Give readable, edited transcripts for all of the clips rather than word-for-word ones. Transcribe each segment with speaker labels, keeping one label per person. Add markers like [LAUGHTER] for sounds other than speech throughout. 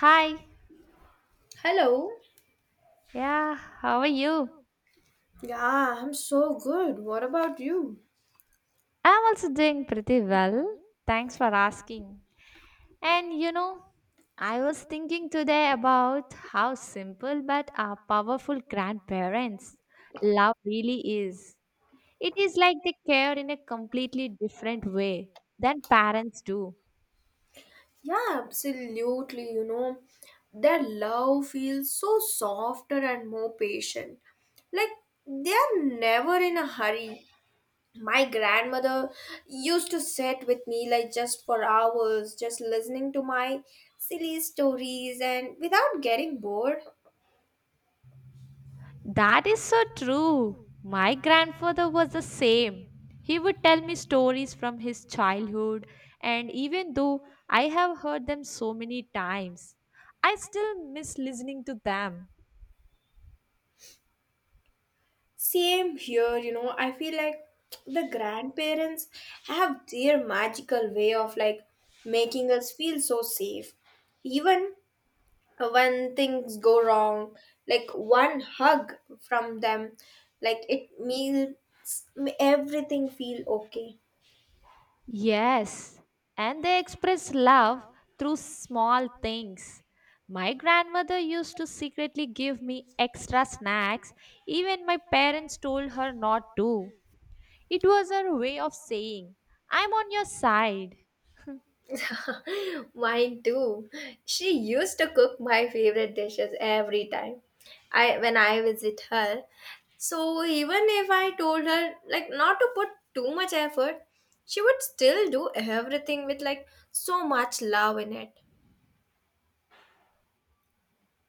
Speaker 1: Hi.
Speaker 2: Hello.
Speaker 1: Yeah, how are you?
Speaker 2: Yeah, I'm so good. What about you?
Speaker 1: I'm also doing pretty well. Thanks for asking. And you know, I was thinking today about how simple but our powerful grandparents love really is. It is like they care in a completely different way than parents do.
Speaker 2: Yeah, absolutely. Their love feels so softer and more patient. Like they are never in a hurry. My grandmother used to sit with me like just for hours, just listening to my silly stories and without getting bored.
Speaker 1: That is so true. My grandfather was the same. He would tell me stories from his childhood, and even though I have heard them so many times, I still miss listening to them.
Speaker 2: Same here. I feel like the grandparents have their magical way of like making us feel so safe. Even when things go wrong, like one hug from them, like it makes everything feel okay.
Speaker 1: Yes, and they express love through small things. My grandmother used to secretly give me extra snacks, even my parents told her not to. It was her way of saying, I'm on your side.
Speaker 2: [LAUGHS] Mine too. She used to cook my favorite dishes every time I when I visit her. So even if I told her like not to put too much effort, she would still do everything with like so much love in it.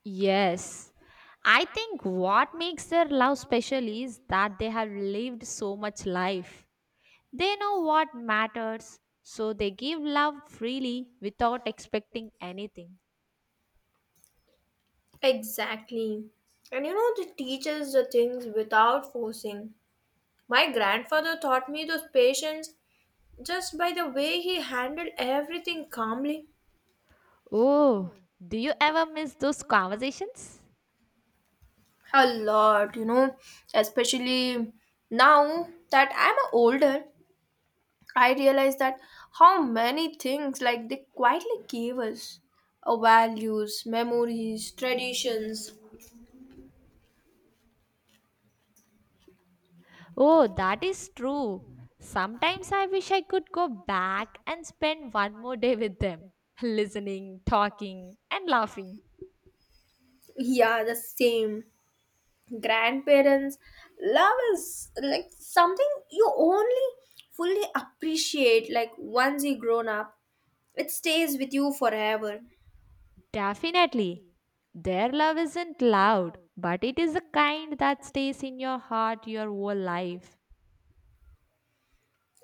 Speaker 1: Yes. I think what makes their love special is that they have lived so much life. They know what matters, so they give love freely without expecting anything.
Speaker 2: Exactly. And the teaches the things without forcing. My grandfather taught me those patience just by the way he handled everything calmly.
Speaker 1: Oh, do you ever miss those conversations?
Speaker 2: A lot, especially now that I'm older, I realize that how many things like they quietly gave us, values, memories, traditions.
Speaker 1: Oh, that is true. Sometimes I wish I could go back and spend one more day with them, [LAUGHS] listening, talking, and laughing.
Speaker 2: Yeah, the same. Grandparents love is like something you only fully appreciate like once you grown up. It stays with you forever.
Speaker 1: Definitely. Their love isn't loud, but it is the kind that stays in your heart your whole life.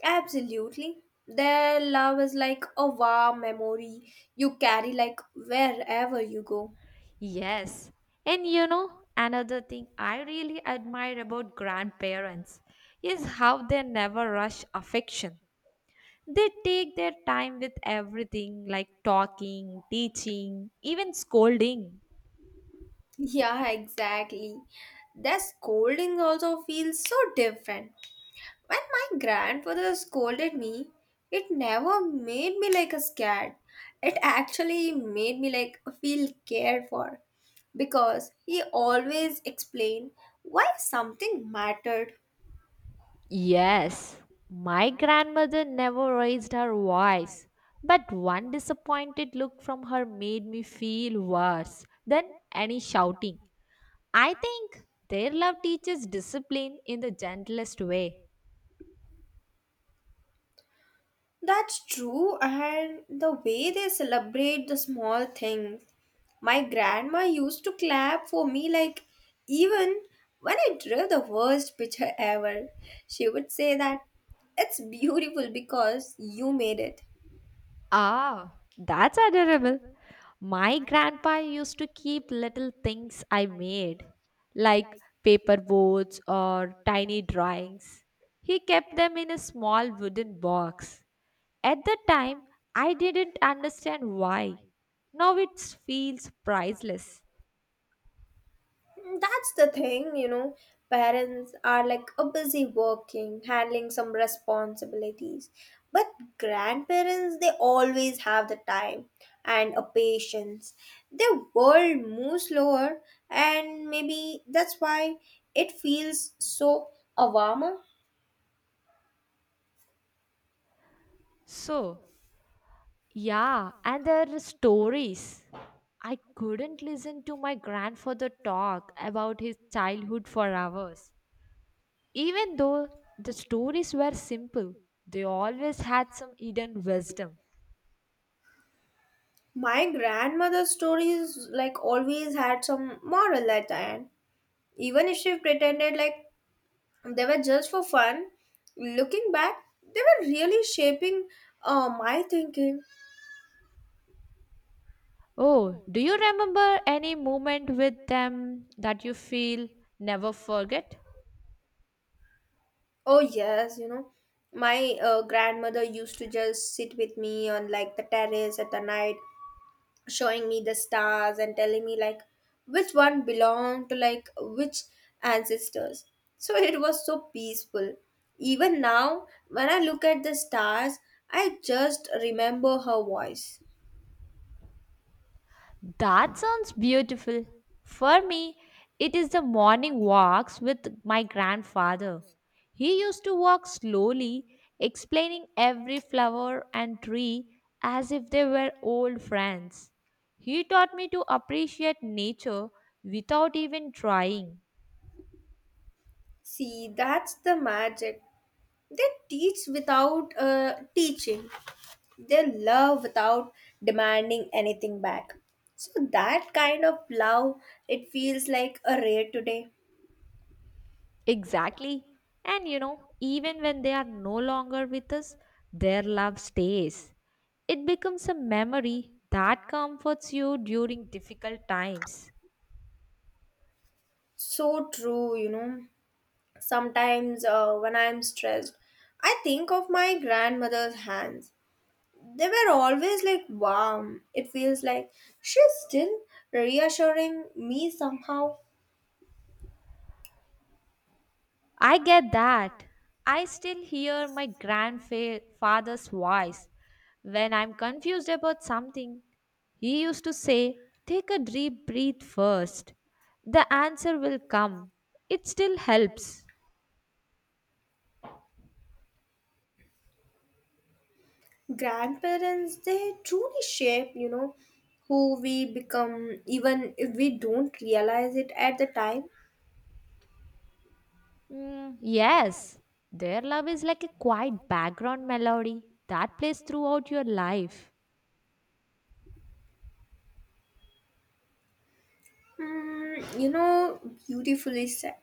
Speaker 2: Absolutely. Their love is like a warm memory you carry like wherever you go.
Speaker 1: Yes. And you know, another thing I really admire about grandparents is how they never rush affection. They take their time with everything like talking, teaching, even scolding.
Speaker 2: [LAUGHS] Yeah, exactly. Their scolding also feels so different. When my grandfather scolded me, it never made me like a scared. It actually made me like feel cared for because he always explained why something mattered.
Speaker 1: Yes, my grandmother never raised her voice, but one disappointed look from her made me feel worse than any shouting. I think their love teaches discipline in the gentlest way.
Speaker 2: That's true, and the way they celebrate the small things. My grandma used to clap for me, like, even when I drew the worst picture ever. She would say that it's beautiful because you made it.
Speaker 1: Ah, that's adorable. My grandpa used to keep little things I made, like paper boats or tiny drawings. He kept them in a small wooden box. At the time, I didn't understand why. Now it feels priceless.
Speaker 2: That's the thing. Parents are like a busy working, handling some responsibilities. But grandparents, they always have the time and a patience. Their world moves slower, and maybe that's why it feels so a warmer.
Speaker 1: So, yeah, and there are stories. I couldn't listen to my grandfather talk about his childhood for hours. Even though the stories were simple, they always had some hidden wisdom.
Speaker 2: My grandmother's stories like always had some moral at the end, even if she pretended like they were just for fun. Looking back, they were really shaping, my thinking.
Speaker 1: Oh, do you remember any moment with them that you feel never forget?
Speaker 2: Oh, yes, my grandmother used to just sit with me on like the terrace at the night, showing me the stars and telling me like which one belonged to like which ancestors. So it was so peaceful. Even now, when I look at the stars, I just remember her voice.
Speaker 1: That sounds beautiful. For me, it is the morning walks with my grandfather. He used to walk slowly, explaining every flower and tree as if they were old friends. He taught me to appreciate nature without even trying.
Speaker 2: See, that's the magic. They teach without teaching. They love without demanding anything back. So that kind of love, it feels like a rare today.
Speaker 1: Exactly. And you know, even when they are no longer with us, their love stays. It becomes a memory that comforts you during difficult times.
Speaker 2: So true. Sometimes when I'm stressed, I think of my grandmother's hands. They were always like warm. It feels like she's still reassuring me somehow.
Speaker 1: I get that. I still hear my grandfather's voice when I'm confused about something. He used to say, Take a deep breath first. The answer will come. It still helps.
Speaker 2: Grandparents, they truly shape, who we become even if we don't realize it at the time.
Speaker 1: Mm, yes, their love is like a quiet background melody that plays throughout your life.
Speaker 2: Mm, beautifully said.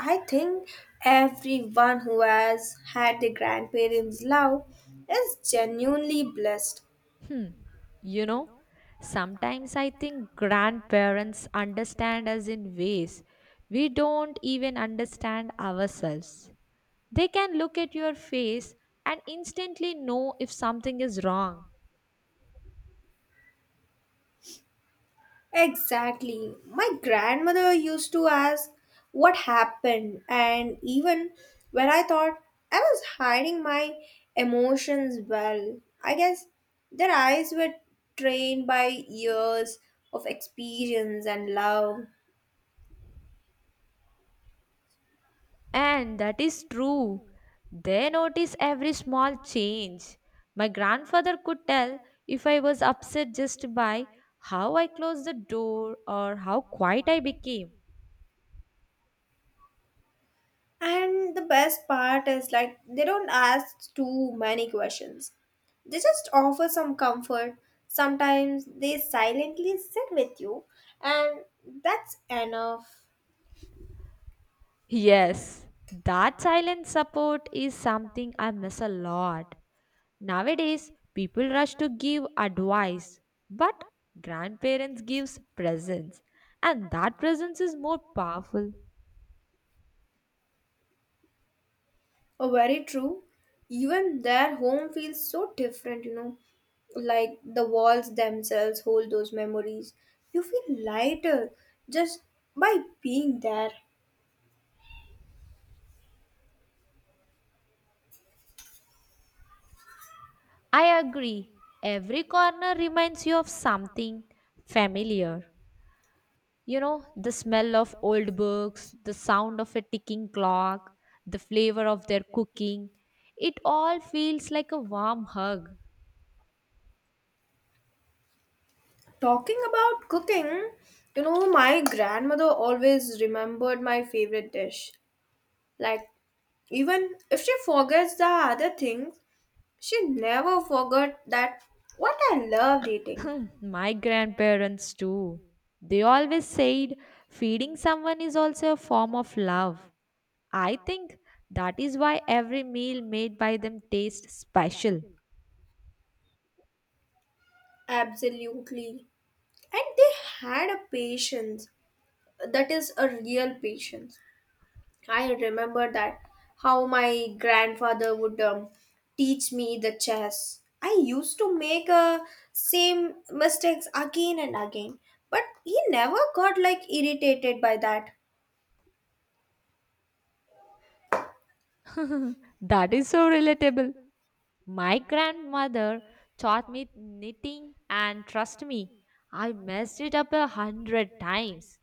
Speaker 2: I think everyone who has had their grandparents love is genuinely blessed.
Speaker 1: Hmm. You know, sometimes I think grandparents understand us in ways we don't even understand ourselves. They can look at your face and instantly know if something is wrong.
Speaker 2: Exactly. My grandmother used to ask what happened, and even when I thought I was hiding my emotions well, I guess their eyes were trained by years of experience and love.
Speaker 1: And that is true. They notice every small change. My grandfather could tell if I was upset just by how I closed the door or how quiet I became.
Speaker 2: And the best part is like they don't ask too many questions. They just offer some comfort. Sometimes they silently sit with you, and that's enough.
Speaker 1: Yes, that silent support is something I miss a lot. Nowadays, people rush to give advice, but grandparents gives presence, and that presence is more powerful.
Speaker 2: Oh, very true. Even their home feels so different. Like the walls themselves hold those memories. You feel lighter just by being there.
Speaker 1: I agree. Every corner reminds you of something familiar. You know, the smell of old books, the sound of a ticking clock, the flavor of their cooking. It all feels like a warm hug.
Speaker 2: Talking about cooking, my grandmother always remembered my favorite dish. Like, even if she forgets the other things, she never forgot that what I loved eating.
Speaker 1: Hmm, my grandparents, too. They always said feeding someone is also a form of love. I think that is why every meal made by them tastes special.
Speaker 2: Absolutely. And they had a patience that is a real patience. I remember that how my grandfather would teach me the chess. I used to make same mistakes again and again, but he never got like irritated by that.
Speaker 1: That is so relatable. My grandmother taught me knitting, and trust me, I messed it up a hundred times.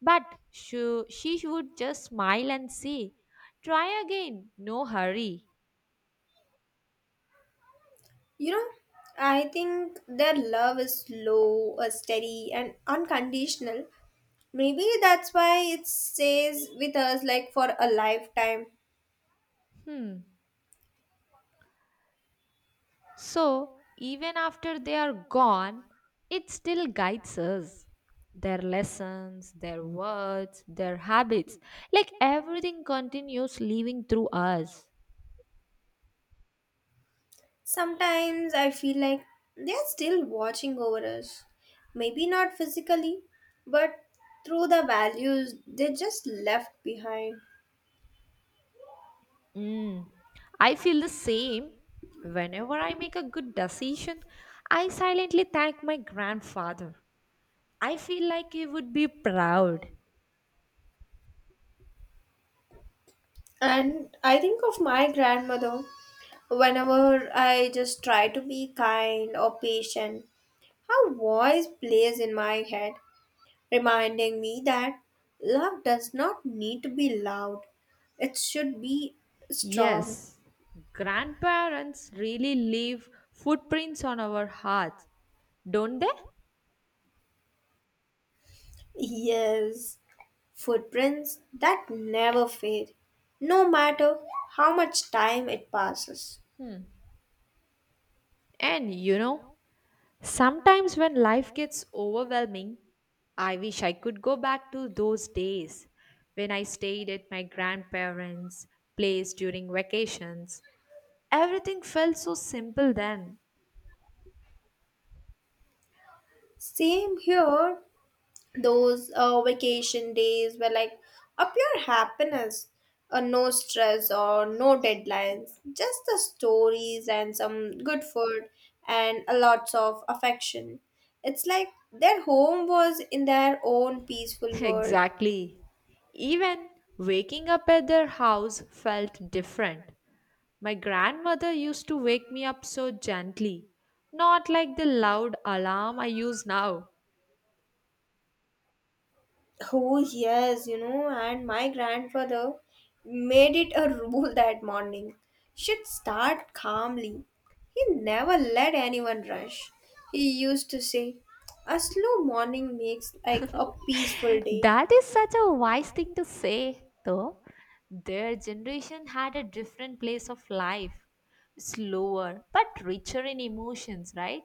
Speaker 1: But she would just smile and say, Try again, no hurry.
Speaker 2: You know, I think their love is slow, steady, and unconditional. Maybe that's why it stays with us like for a lifetime.
Speaker 1: Hmm. So, even after they are gone, it still guides us. Their lessons, their words, their habits, like everything continues living through us.
Speaker 2: Sometimes I feel like they're still watching over us. Maybe not physically, but through the values they just left behind.
Speaker 1: Mm. I feel the same. Whenever I make a good decision, I silently thank my grandfather. I feel like he would be proud.
Speaker 2: And I think of my grandmother whenever I just try to be kind or patient. Her voice plays in my head, reminding me that love does not need to be loud, it should be strong.
Speaker 1: Yes, grandparents really leave footprints on our hearts, don't they?
Speaker 2: [LAUGHS] Yes. Footprints that never fade, no matter how much time it passes.
Speaker 1: And you know, sometimes when life gets overwhelming, I wish I could go back to those days when I stayed at my grandparents' place during vacations. Everything felt so simple then.
Speaker 2: Same here, those vacation days were like a pure happiness. No stress or no deadlines, just the stories and some good food and a lots of affection. It's like their home was in their own
Speaker 1: [LAUGHS]
Speaker 2: peaceful world.
Speaker 1: Exactly. Even waking up at their house felt different. My grandmother used to wake me up so gently, not like the loud alarm I use now.
Speaker 2: Oh, yes, and my grandfather made it a [LAUGHS] rule that morning. Should start calmly. He never let anyone rush. He used to say, A slow morning makes like a peaceful day.
Speaker 1: That is such a wise thing to say, though. Their generation had a different place of life, slower but richer in emotions, right?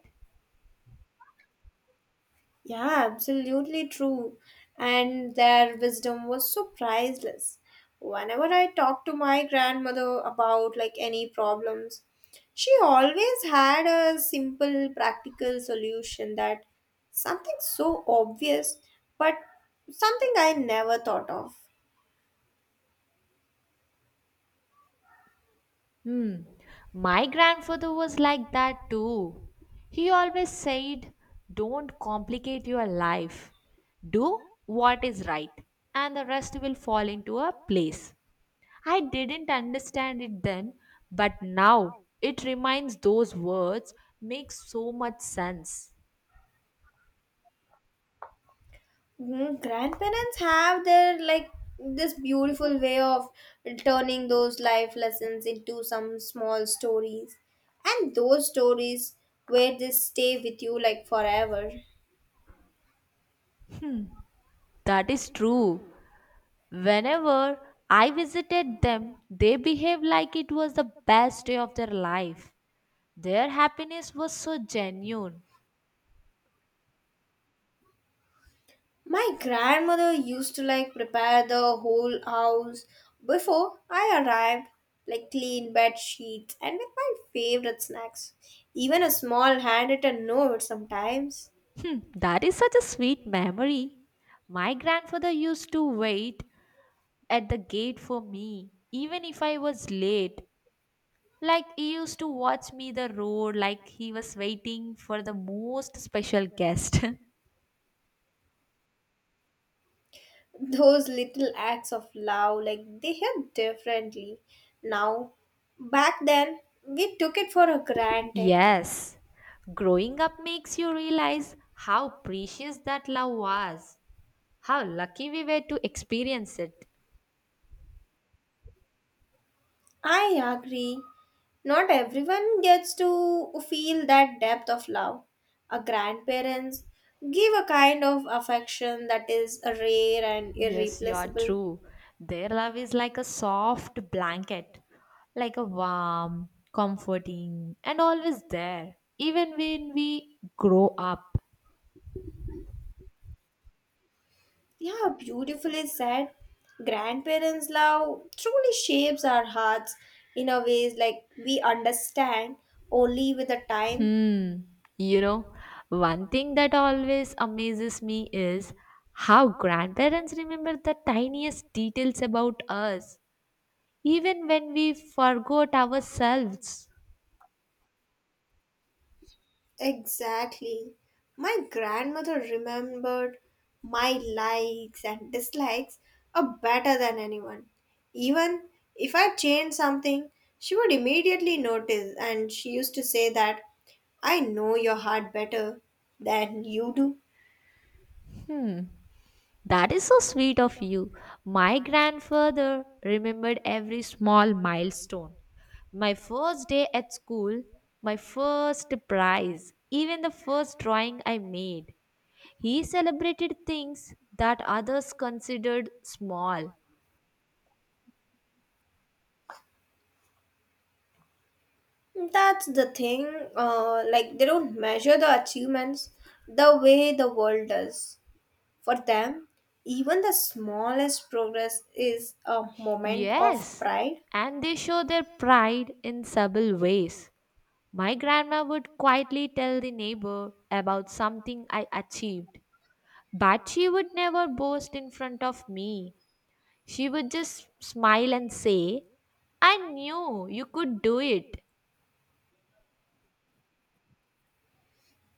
Speaker 2: Yeah, absolutely true. And their wisdom was so priceless. Whenever I talk to my grandmother about like any problems, she always had a simple practical solution that something so obvious but something I never thought of.
Speaker 1: Hmm. My grandfather was like that too. He always said, Don't complicate your life. Do what is right, and the rest will fall into a place. I didn't understand it then, but now it reminds those words make so much sense.
Speaker 2: Mm, grandparents have their like this beautiful way of turning those life lessons into some small stories and those stories where they stay with you like forever.
Speaker 1: That is true. Whenever I visited them, they behaved like it was the best day of their life. Their happiness was so genuine.
Speaker 2: My grandmother used to like prepare the whole house before I arrived, like clean bed sheets and with my favorite snacks, even a small handwritten note sometimes.
Speaker 1: Hmm, that is such a sweet memory. My grandfather used to wait at the gate for me, even if I was late. Like he used to watch me the road, like he was waiting for the most special guest.
Speaker 2: Those little acts of love like they hit differently now. Back then we took it for
Speaker 1: [LAUGHS]
Speaker 2: granted.
Speaker 1: Yes, growing up makes you realize how precious that love was, how lucky we were to experience it.
Speaker 2: I agree. Not everyone gets to feel that depth of love. Our grandparents give a kind of affection that is rare and
Speaker 1: Yes, you are
Speaker 2: irreplaceable.
Speaker 1: true. Their love is like a soft blanket, like a warm, comforting, and always there, even when we grow up.
Speaker 2: Yeah, beautifully said. Grandparents love truly shapes our hearts in a ways like we understand only with the time.
Speaker 1: Hmm. You know, one thing that always amazes me is how grandparents remember the tiniest details about us, even when we forgot ourselves.
Speaker 2: Exactly. My grandmother remembered my likes and dislikes are better than anyone. Even if I changed something, she would immediately notice and she used to say that I know your heart better than you do.
Speaker 1: Hmm. That is so sweet of you. My grandfather remembered every small milestone. My first day at school, my first prize, even the first drawing I made. He celebrated things that others considered small.
Speaker 2: That's the thing, like they don't measure the achievements the way the world does. For them, even the smallest progress is a moment of
Speaker 1: Yes,
Speaker 2: pride.
Speaker 1: and they show their pride in subtle ways. My grandma would quietly tell the neighbor about something I achieved, but she would never boast in front of me. She would just smile and say, I knew you could do it.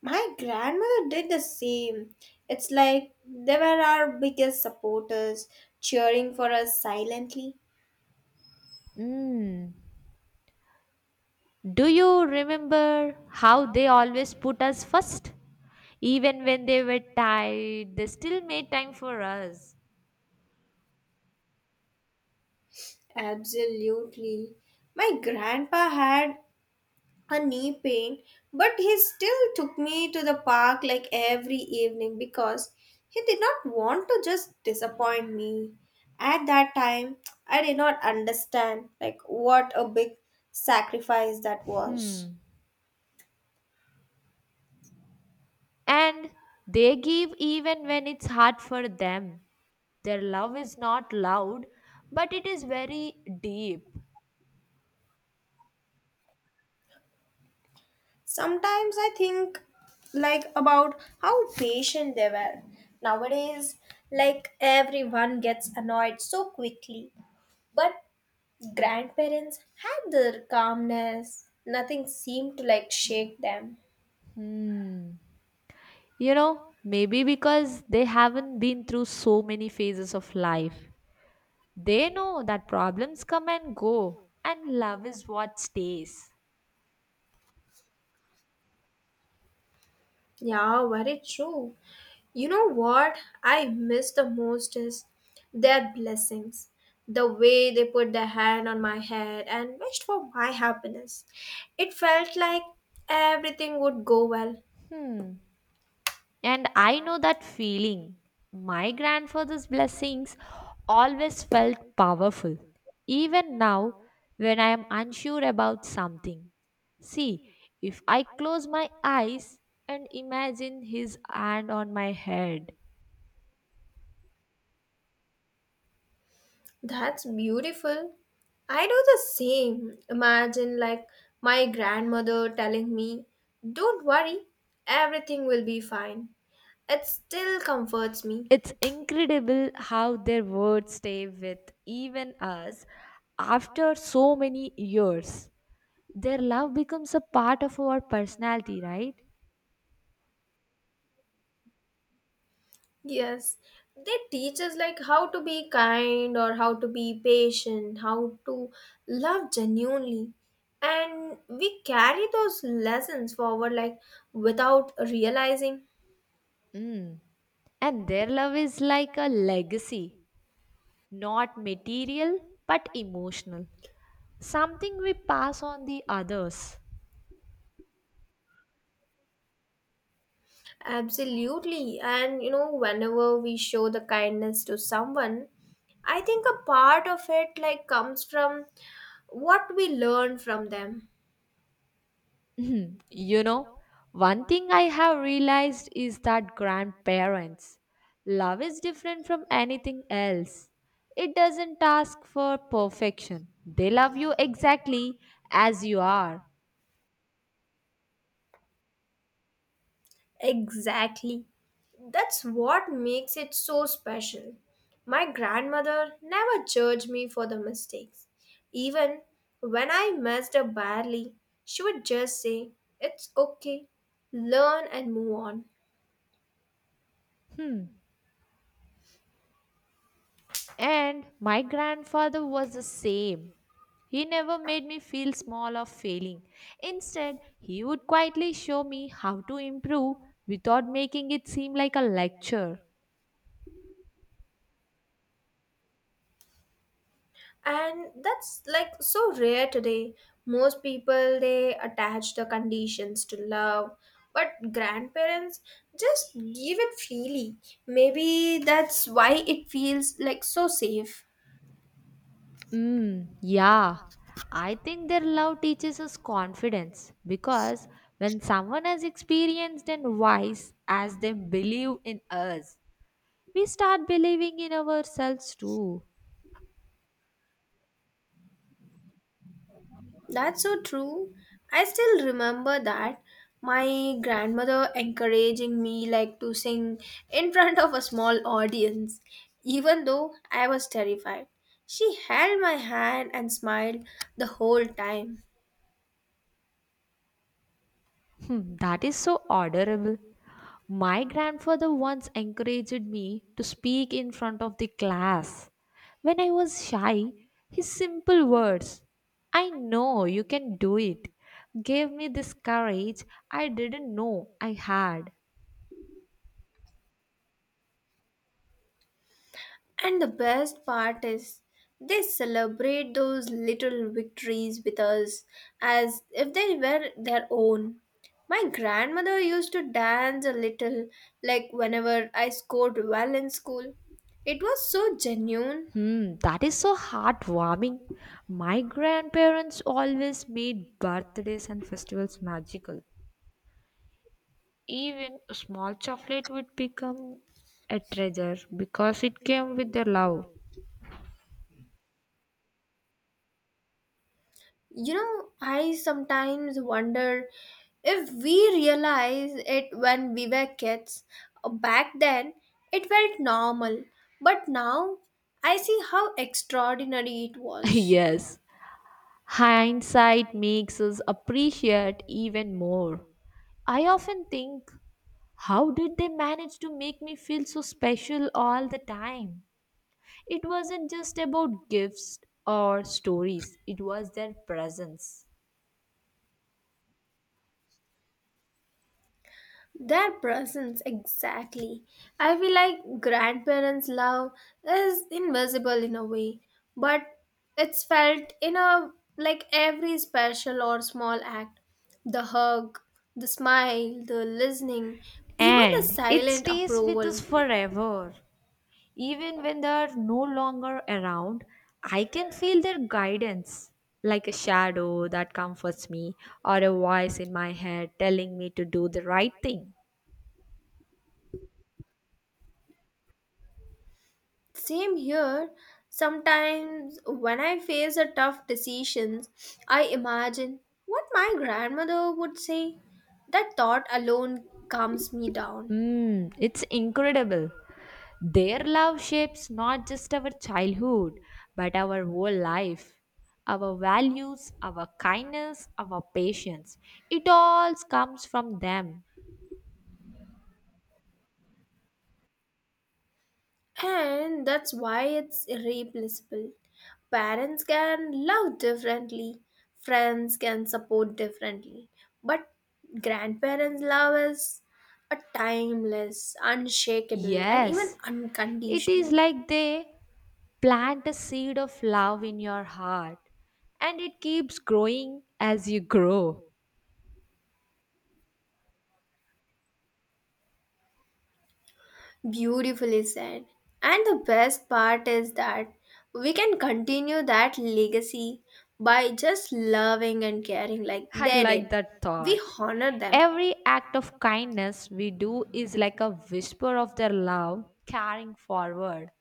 Speaker 2: My grandmother did the same. It's like they were our biggest supporters, cheering for us silently.
Speaker 1: Mm. Do you remember how they always put us first? Even when they were tired, they still made time for us.
Speaker 2: Absolutely. My grandpa had a knee pain, but he still took me to the park like every evening because he did not want to just disappoint me. At that time, I did not understand like what a big sacrifice that was.
Speaker 1: Hmm. And they give even when it's hard for them. Their love is not loud, but it is very deep.
Speaker 2: Sometimes I think like about how patient they were. Nowadays, like everyone gets annoyed so quickly. But grandparents had their calmness. Nothing seemed to like shake them.
Speaker 1: Hmm. You know, maybe because they haven't been through so many phases of life. They know that problems come and go, and love is what stays.
Speaker 2: Yeah, very true. You know what I miss the most is their blessings. The way they put their hand on my head and wished for my happiness. It felt like everything would go well.
Speaker 1: Hmm. And I know that feeling. My grandfather's blessings always felt powerful, even now when I am unsure about something. See, if I close my eyes and imagine his hand on my head,
Speaker 2: That's beautiful. I do the same. Imagine, like, my grandmother telling me, Don't worry, everything will be fine. It still comforts me.
Speaker 1: it's incredible how their words stay with even us after so many years. Their love becomes a part of our personality, right?
Speaker 2: Yes, they teach us, like, how to be kind or how to be patient, how to love genuinely. And we carry those lessons forward, like, without realizing.
Speaker 1: Mm. And their love is like a legacy, not material but emotional. Something we pass on the others.
Speaker 2: Absolutely. And whenever we show the kindness to someone, I think a part of it like comes from what we learn from them.
Speaker 1: You know, one thing I have realized is that grandparents, love is different from anything else. It doesn't ask for perfection. They love you exactly as you are.
Speaker 2: Exactly. That's what makes it so special. My grandmother never judged me for the mistakes. Even when I messed up badly, she would just say, It's okay, learn and move on.
Speaker 1: Hmm. And my grandfather was the same. He never made me feel small or failing. Instead, he would quietly show me how to improve without making it seem like a lecture.
Speaker 2: And that's like so rare today. Most people they attach the conditions to love, but grandparents just give it freely. Maybe that's why it feels like so safe.
Speaker 1: Mm, yeah. I think their love teaches us confidence because when someone as experienced and wise as they believe in us, we start believing in ourselves too.
Speaker 2: That's so true. I still remember that my grandmother encouraging me like to sing in front of a small audience, even though I was terrified, she held my hand and smiled the whole time.
Speaker 1: Hmm, that is so adorable. My grandfather once encouraged me to speak in front of the class. When I was shy, his simple words, I know you can do it, gave me this courage I didn't know I had.
Speaker 2: And the best part is, they celebrate those little victories with us as if they were their own. My grandmother used to dance a little, like whenever I scored well in school. It was so genuine.
Speaker 1: Hmm, that is so heartwarming. My grandparents always made birthdays and festivals magical. Even a small chocolate would become a treasure because it came with the love.
Speaker 2: I sometimes wonder if we realize it when we were kids. Back then, it felt normal, but now I see how extraordinary it
Speaker 1: [LAUGHS]
Speaker 2: was.
Speaker 1: Yes, hindsight makes us appreciate even more. I often think, how did they manage to make me feel so special all the time? It wasn't just about gifts or stories, it was their presence.
Speaker 2: Their presence, exactly. I feel like grandparents' love is invisible in a way, but it's felt in a like every special or small act. The hug, the smile, the listening, even the
Speaker 1: And it
Speaker 2: silent
Speaker 1: stays with us
Speaker 2: approval.
Speaker 1: forever. Even when they're no longer around, I can feel their guidance, like a shadow that comforts me or a voice in my head telling me to do the right thing.
Speaker 2: Same here. Sometimes when I face a tough decisions, I imagine what my grandmother would say. That thought alone calms me down.
Speaker 1: Mm, it's incredible. Their love shapes not just our childhood, but our whole life. Our values, our kindness, our patience. It all comes from them.
Speaker 2: And that's why it's irreplaceable. Parents can love differently, friends can support differently, but grandparents' love is a timeless, unshakable, and even
Speaker 1: Yes, it is
Speaker 2: unconditional.
Speaker 1: like they plant a seed of love in your heart and it keeps growing as you grow.
Speaker 2: Beautifully said. And the best part is that we can continue that legacy by just loving and caring like
Speaker 1: I
Speaker 2: they
Speaker 1: like
Speaker 2: did.
Speaker 1: that
Speaker 2: We
Speaker 1: thought.
Speaker 2: honor them.
Speaker 1: Every act of kindness we do is like a whisper of their love carrying forward.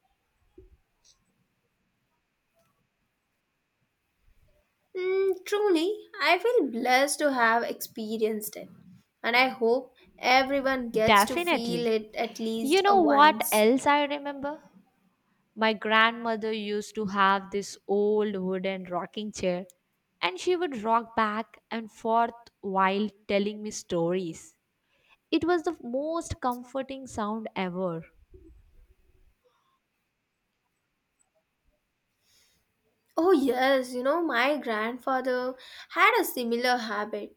Speaker 2: Mm, truly, I feel blessed to have experienced it, and I hope everyone gets to feel
Speaker 1: Definitely.
Speaker 2: it at least
Speaker 1: You
Speaker 2: a
Speaker 1: know what
Speaker 2: once.
Speaker 1: else I remember? My grandmother used to have this old wooden rocking chair and she would rock back and forth while telling me stories. It was the most comforting sound ever.
Speaker 2: Oh, yes, my grandfather had a similar habit.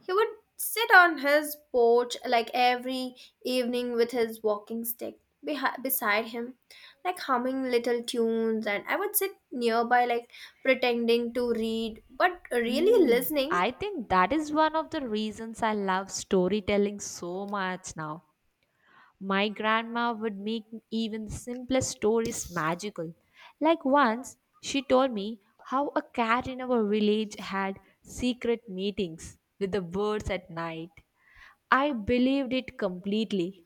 Speaker 2: He would sit on his porch like every evening with his walking stick beside him, like humming little tunes, and I would sit nearby, like pretending to read, but really
Speaker 1: Mm,
Speaker 2: listening.
Speaker 1: I think that is one of the reasons I love storytelling so much now. My grandma would make even the simplest stories magical. Like once, she told me how a cat in our village had secret meetings with the birds at night. I believed it completely.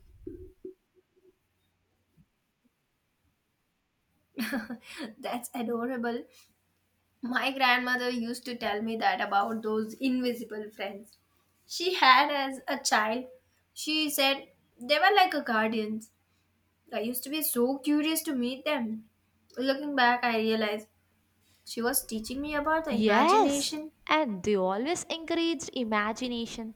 Speaker 2: [LAUGHS] That's adorable. My grandmother used to tell me that about those invisible friends she had as a child. She said they were like a guardians. I used to be so curious to meet them. Looking back, I realized she was teaching me about the
Speaker 1: Yes,
Speaker 2: imagination.
Speaker 1: and they always encouraged imagination.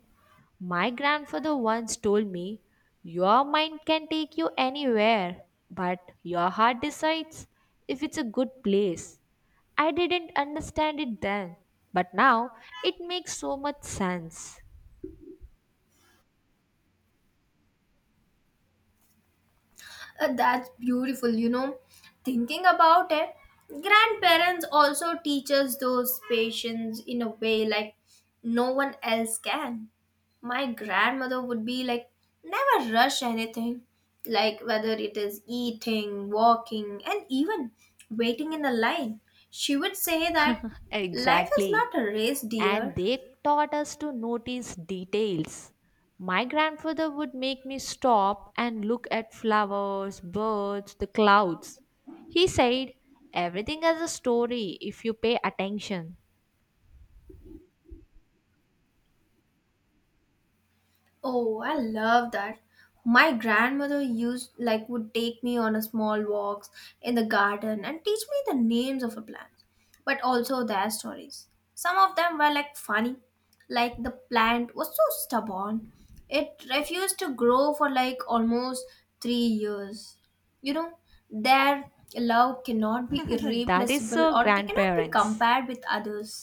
Speaker 1: My grandfather once told me, Your mind can take you anywhere, but your heart decides if it's a good place. I didn't understand it then, but now it makes so much sense.
Speaker 2: That's beautiful. Thinking about it, grandparents also teach us those patience in a way like no one else can. My grandmother would be like, never rush anything, like whether it is eating, walking, and even waiting in a line. She would say that life is
Speaker 1: Exactly.
Speaker 2: not a race,
Speaker 1: And
Speaker 2: dear.
Speaker 1: they taught us to notice details. My grandfather would make me stop and look at flowers, birds, the clouds. He said, Everything has a story if you pay attention.
Speaker 2: Oh, I love that. My grandmother used like would take me on a small walks in the garden and teach me the names of the plants, but also their stories. Some of them were like funny, like the plant was so stubborn. It refused to grow for like almost 3 years. You know, their love cannot be
Speaker 1: [LAUGHS] That is
Speaker 2: irreplaceable
Speaker 1: so,
Speaker 2: or they cannot be
Speaker 1: grandparents.
Speaker 2: compared with others.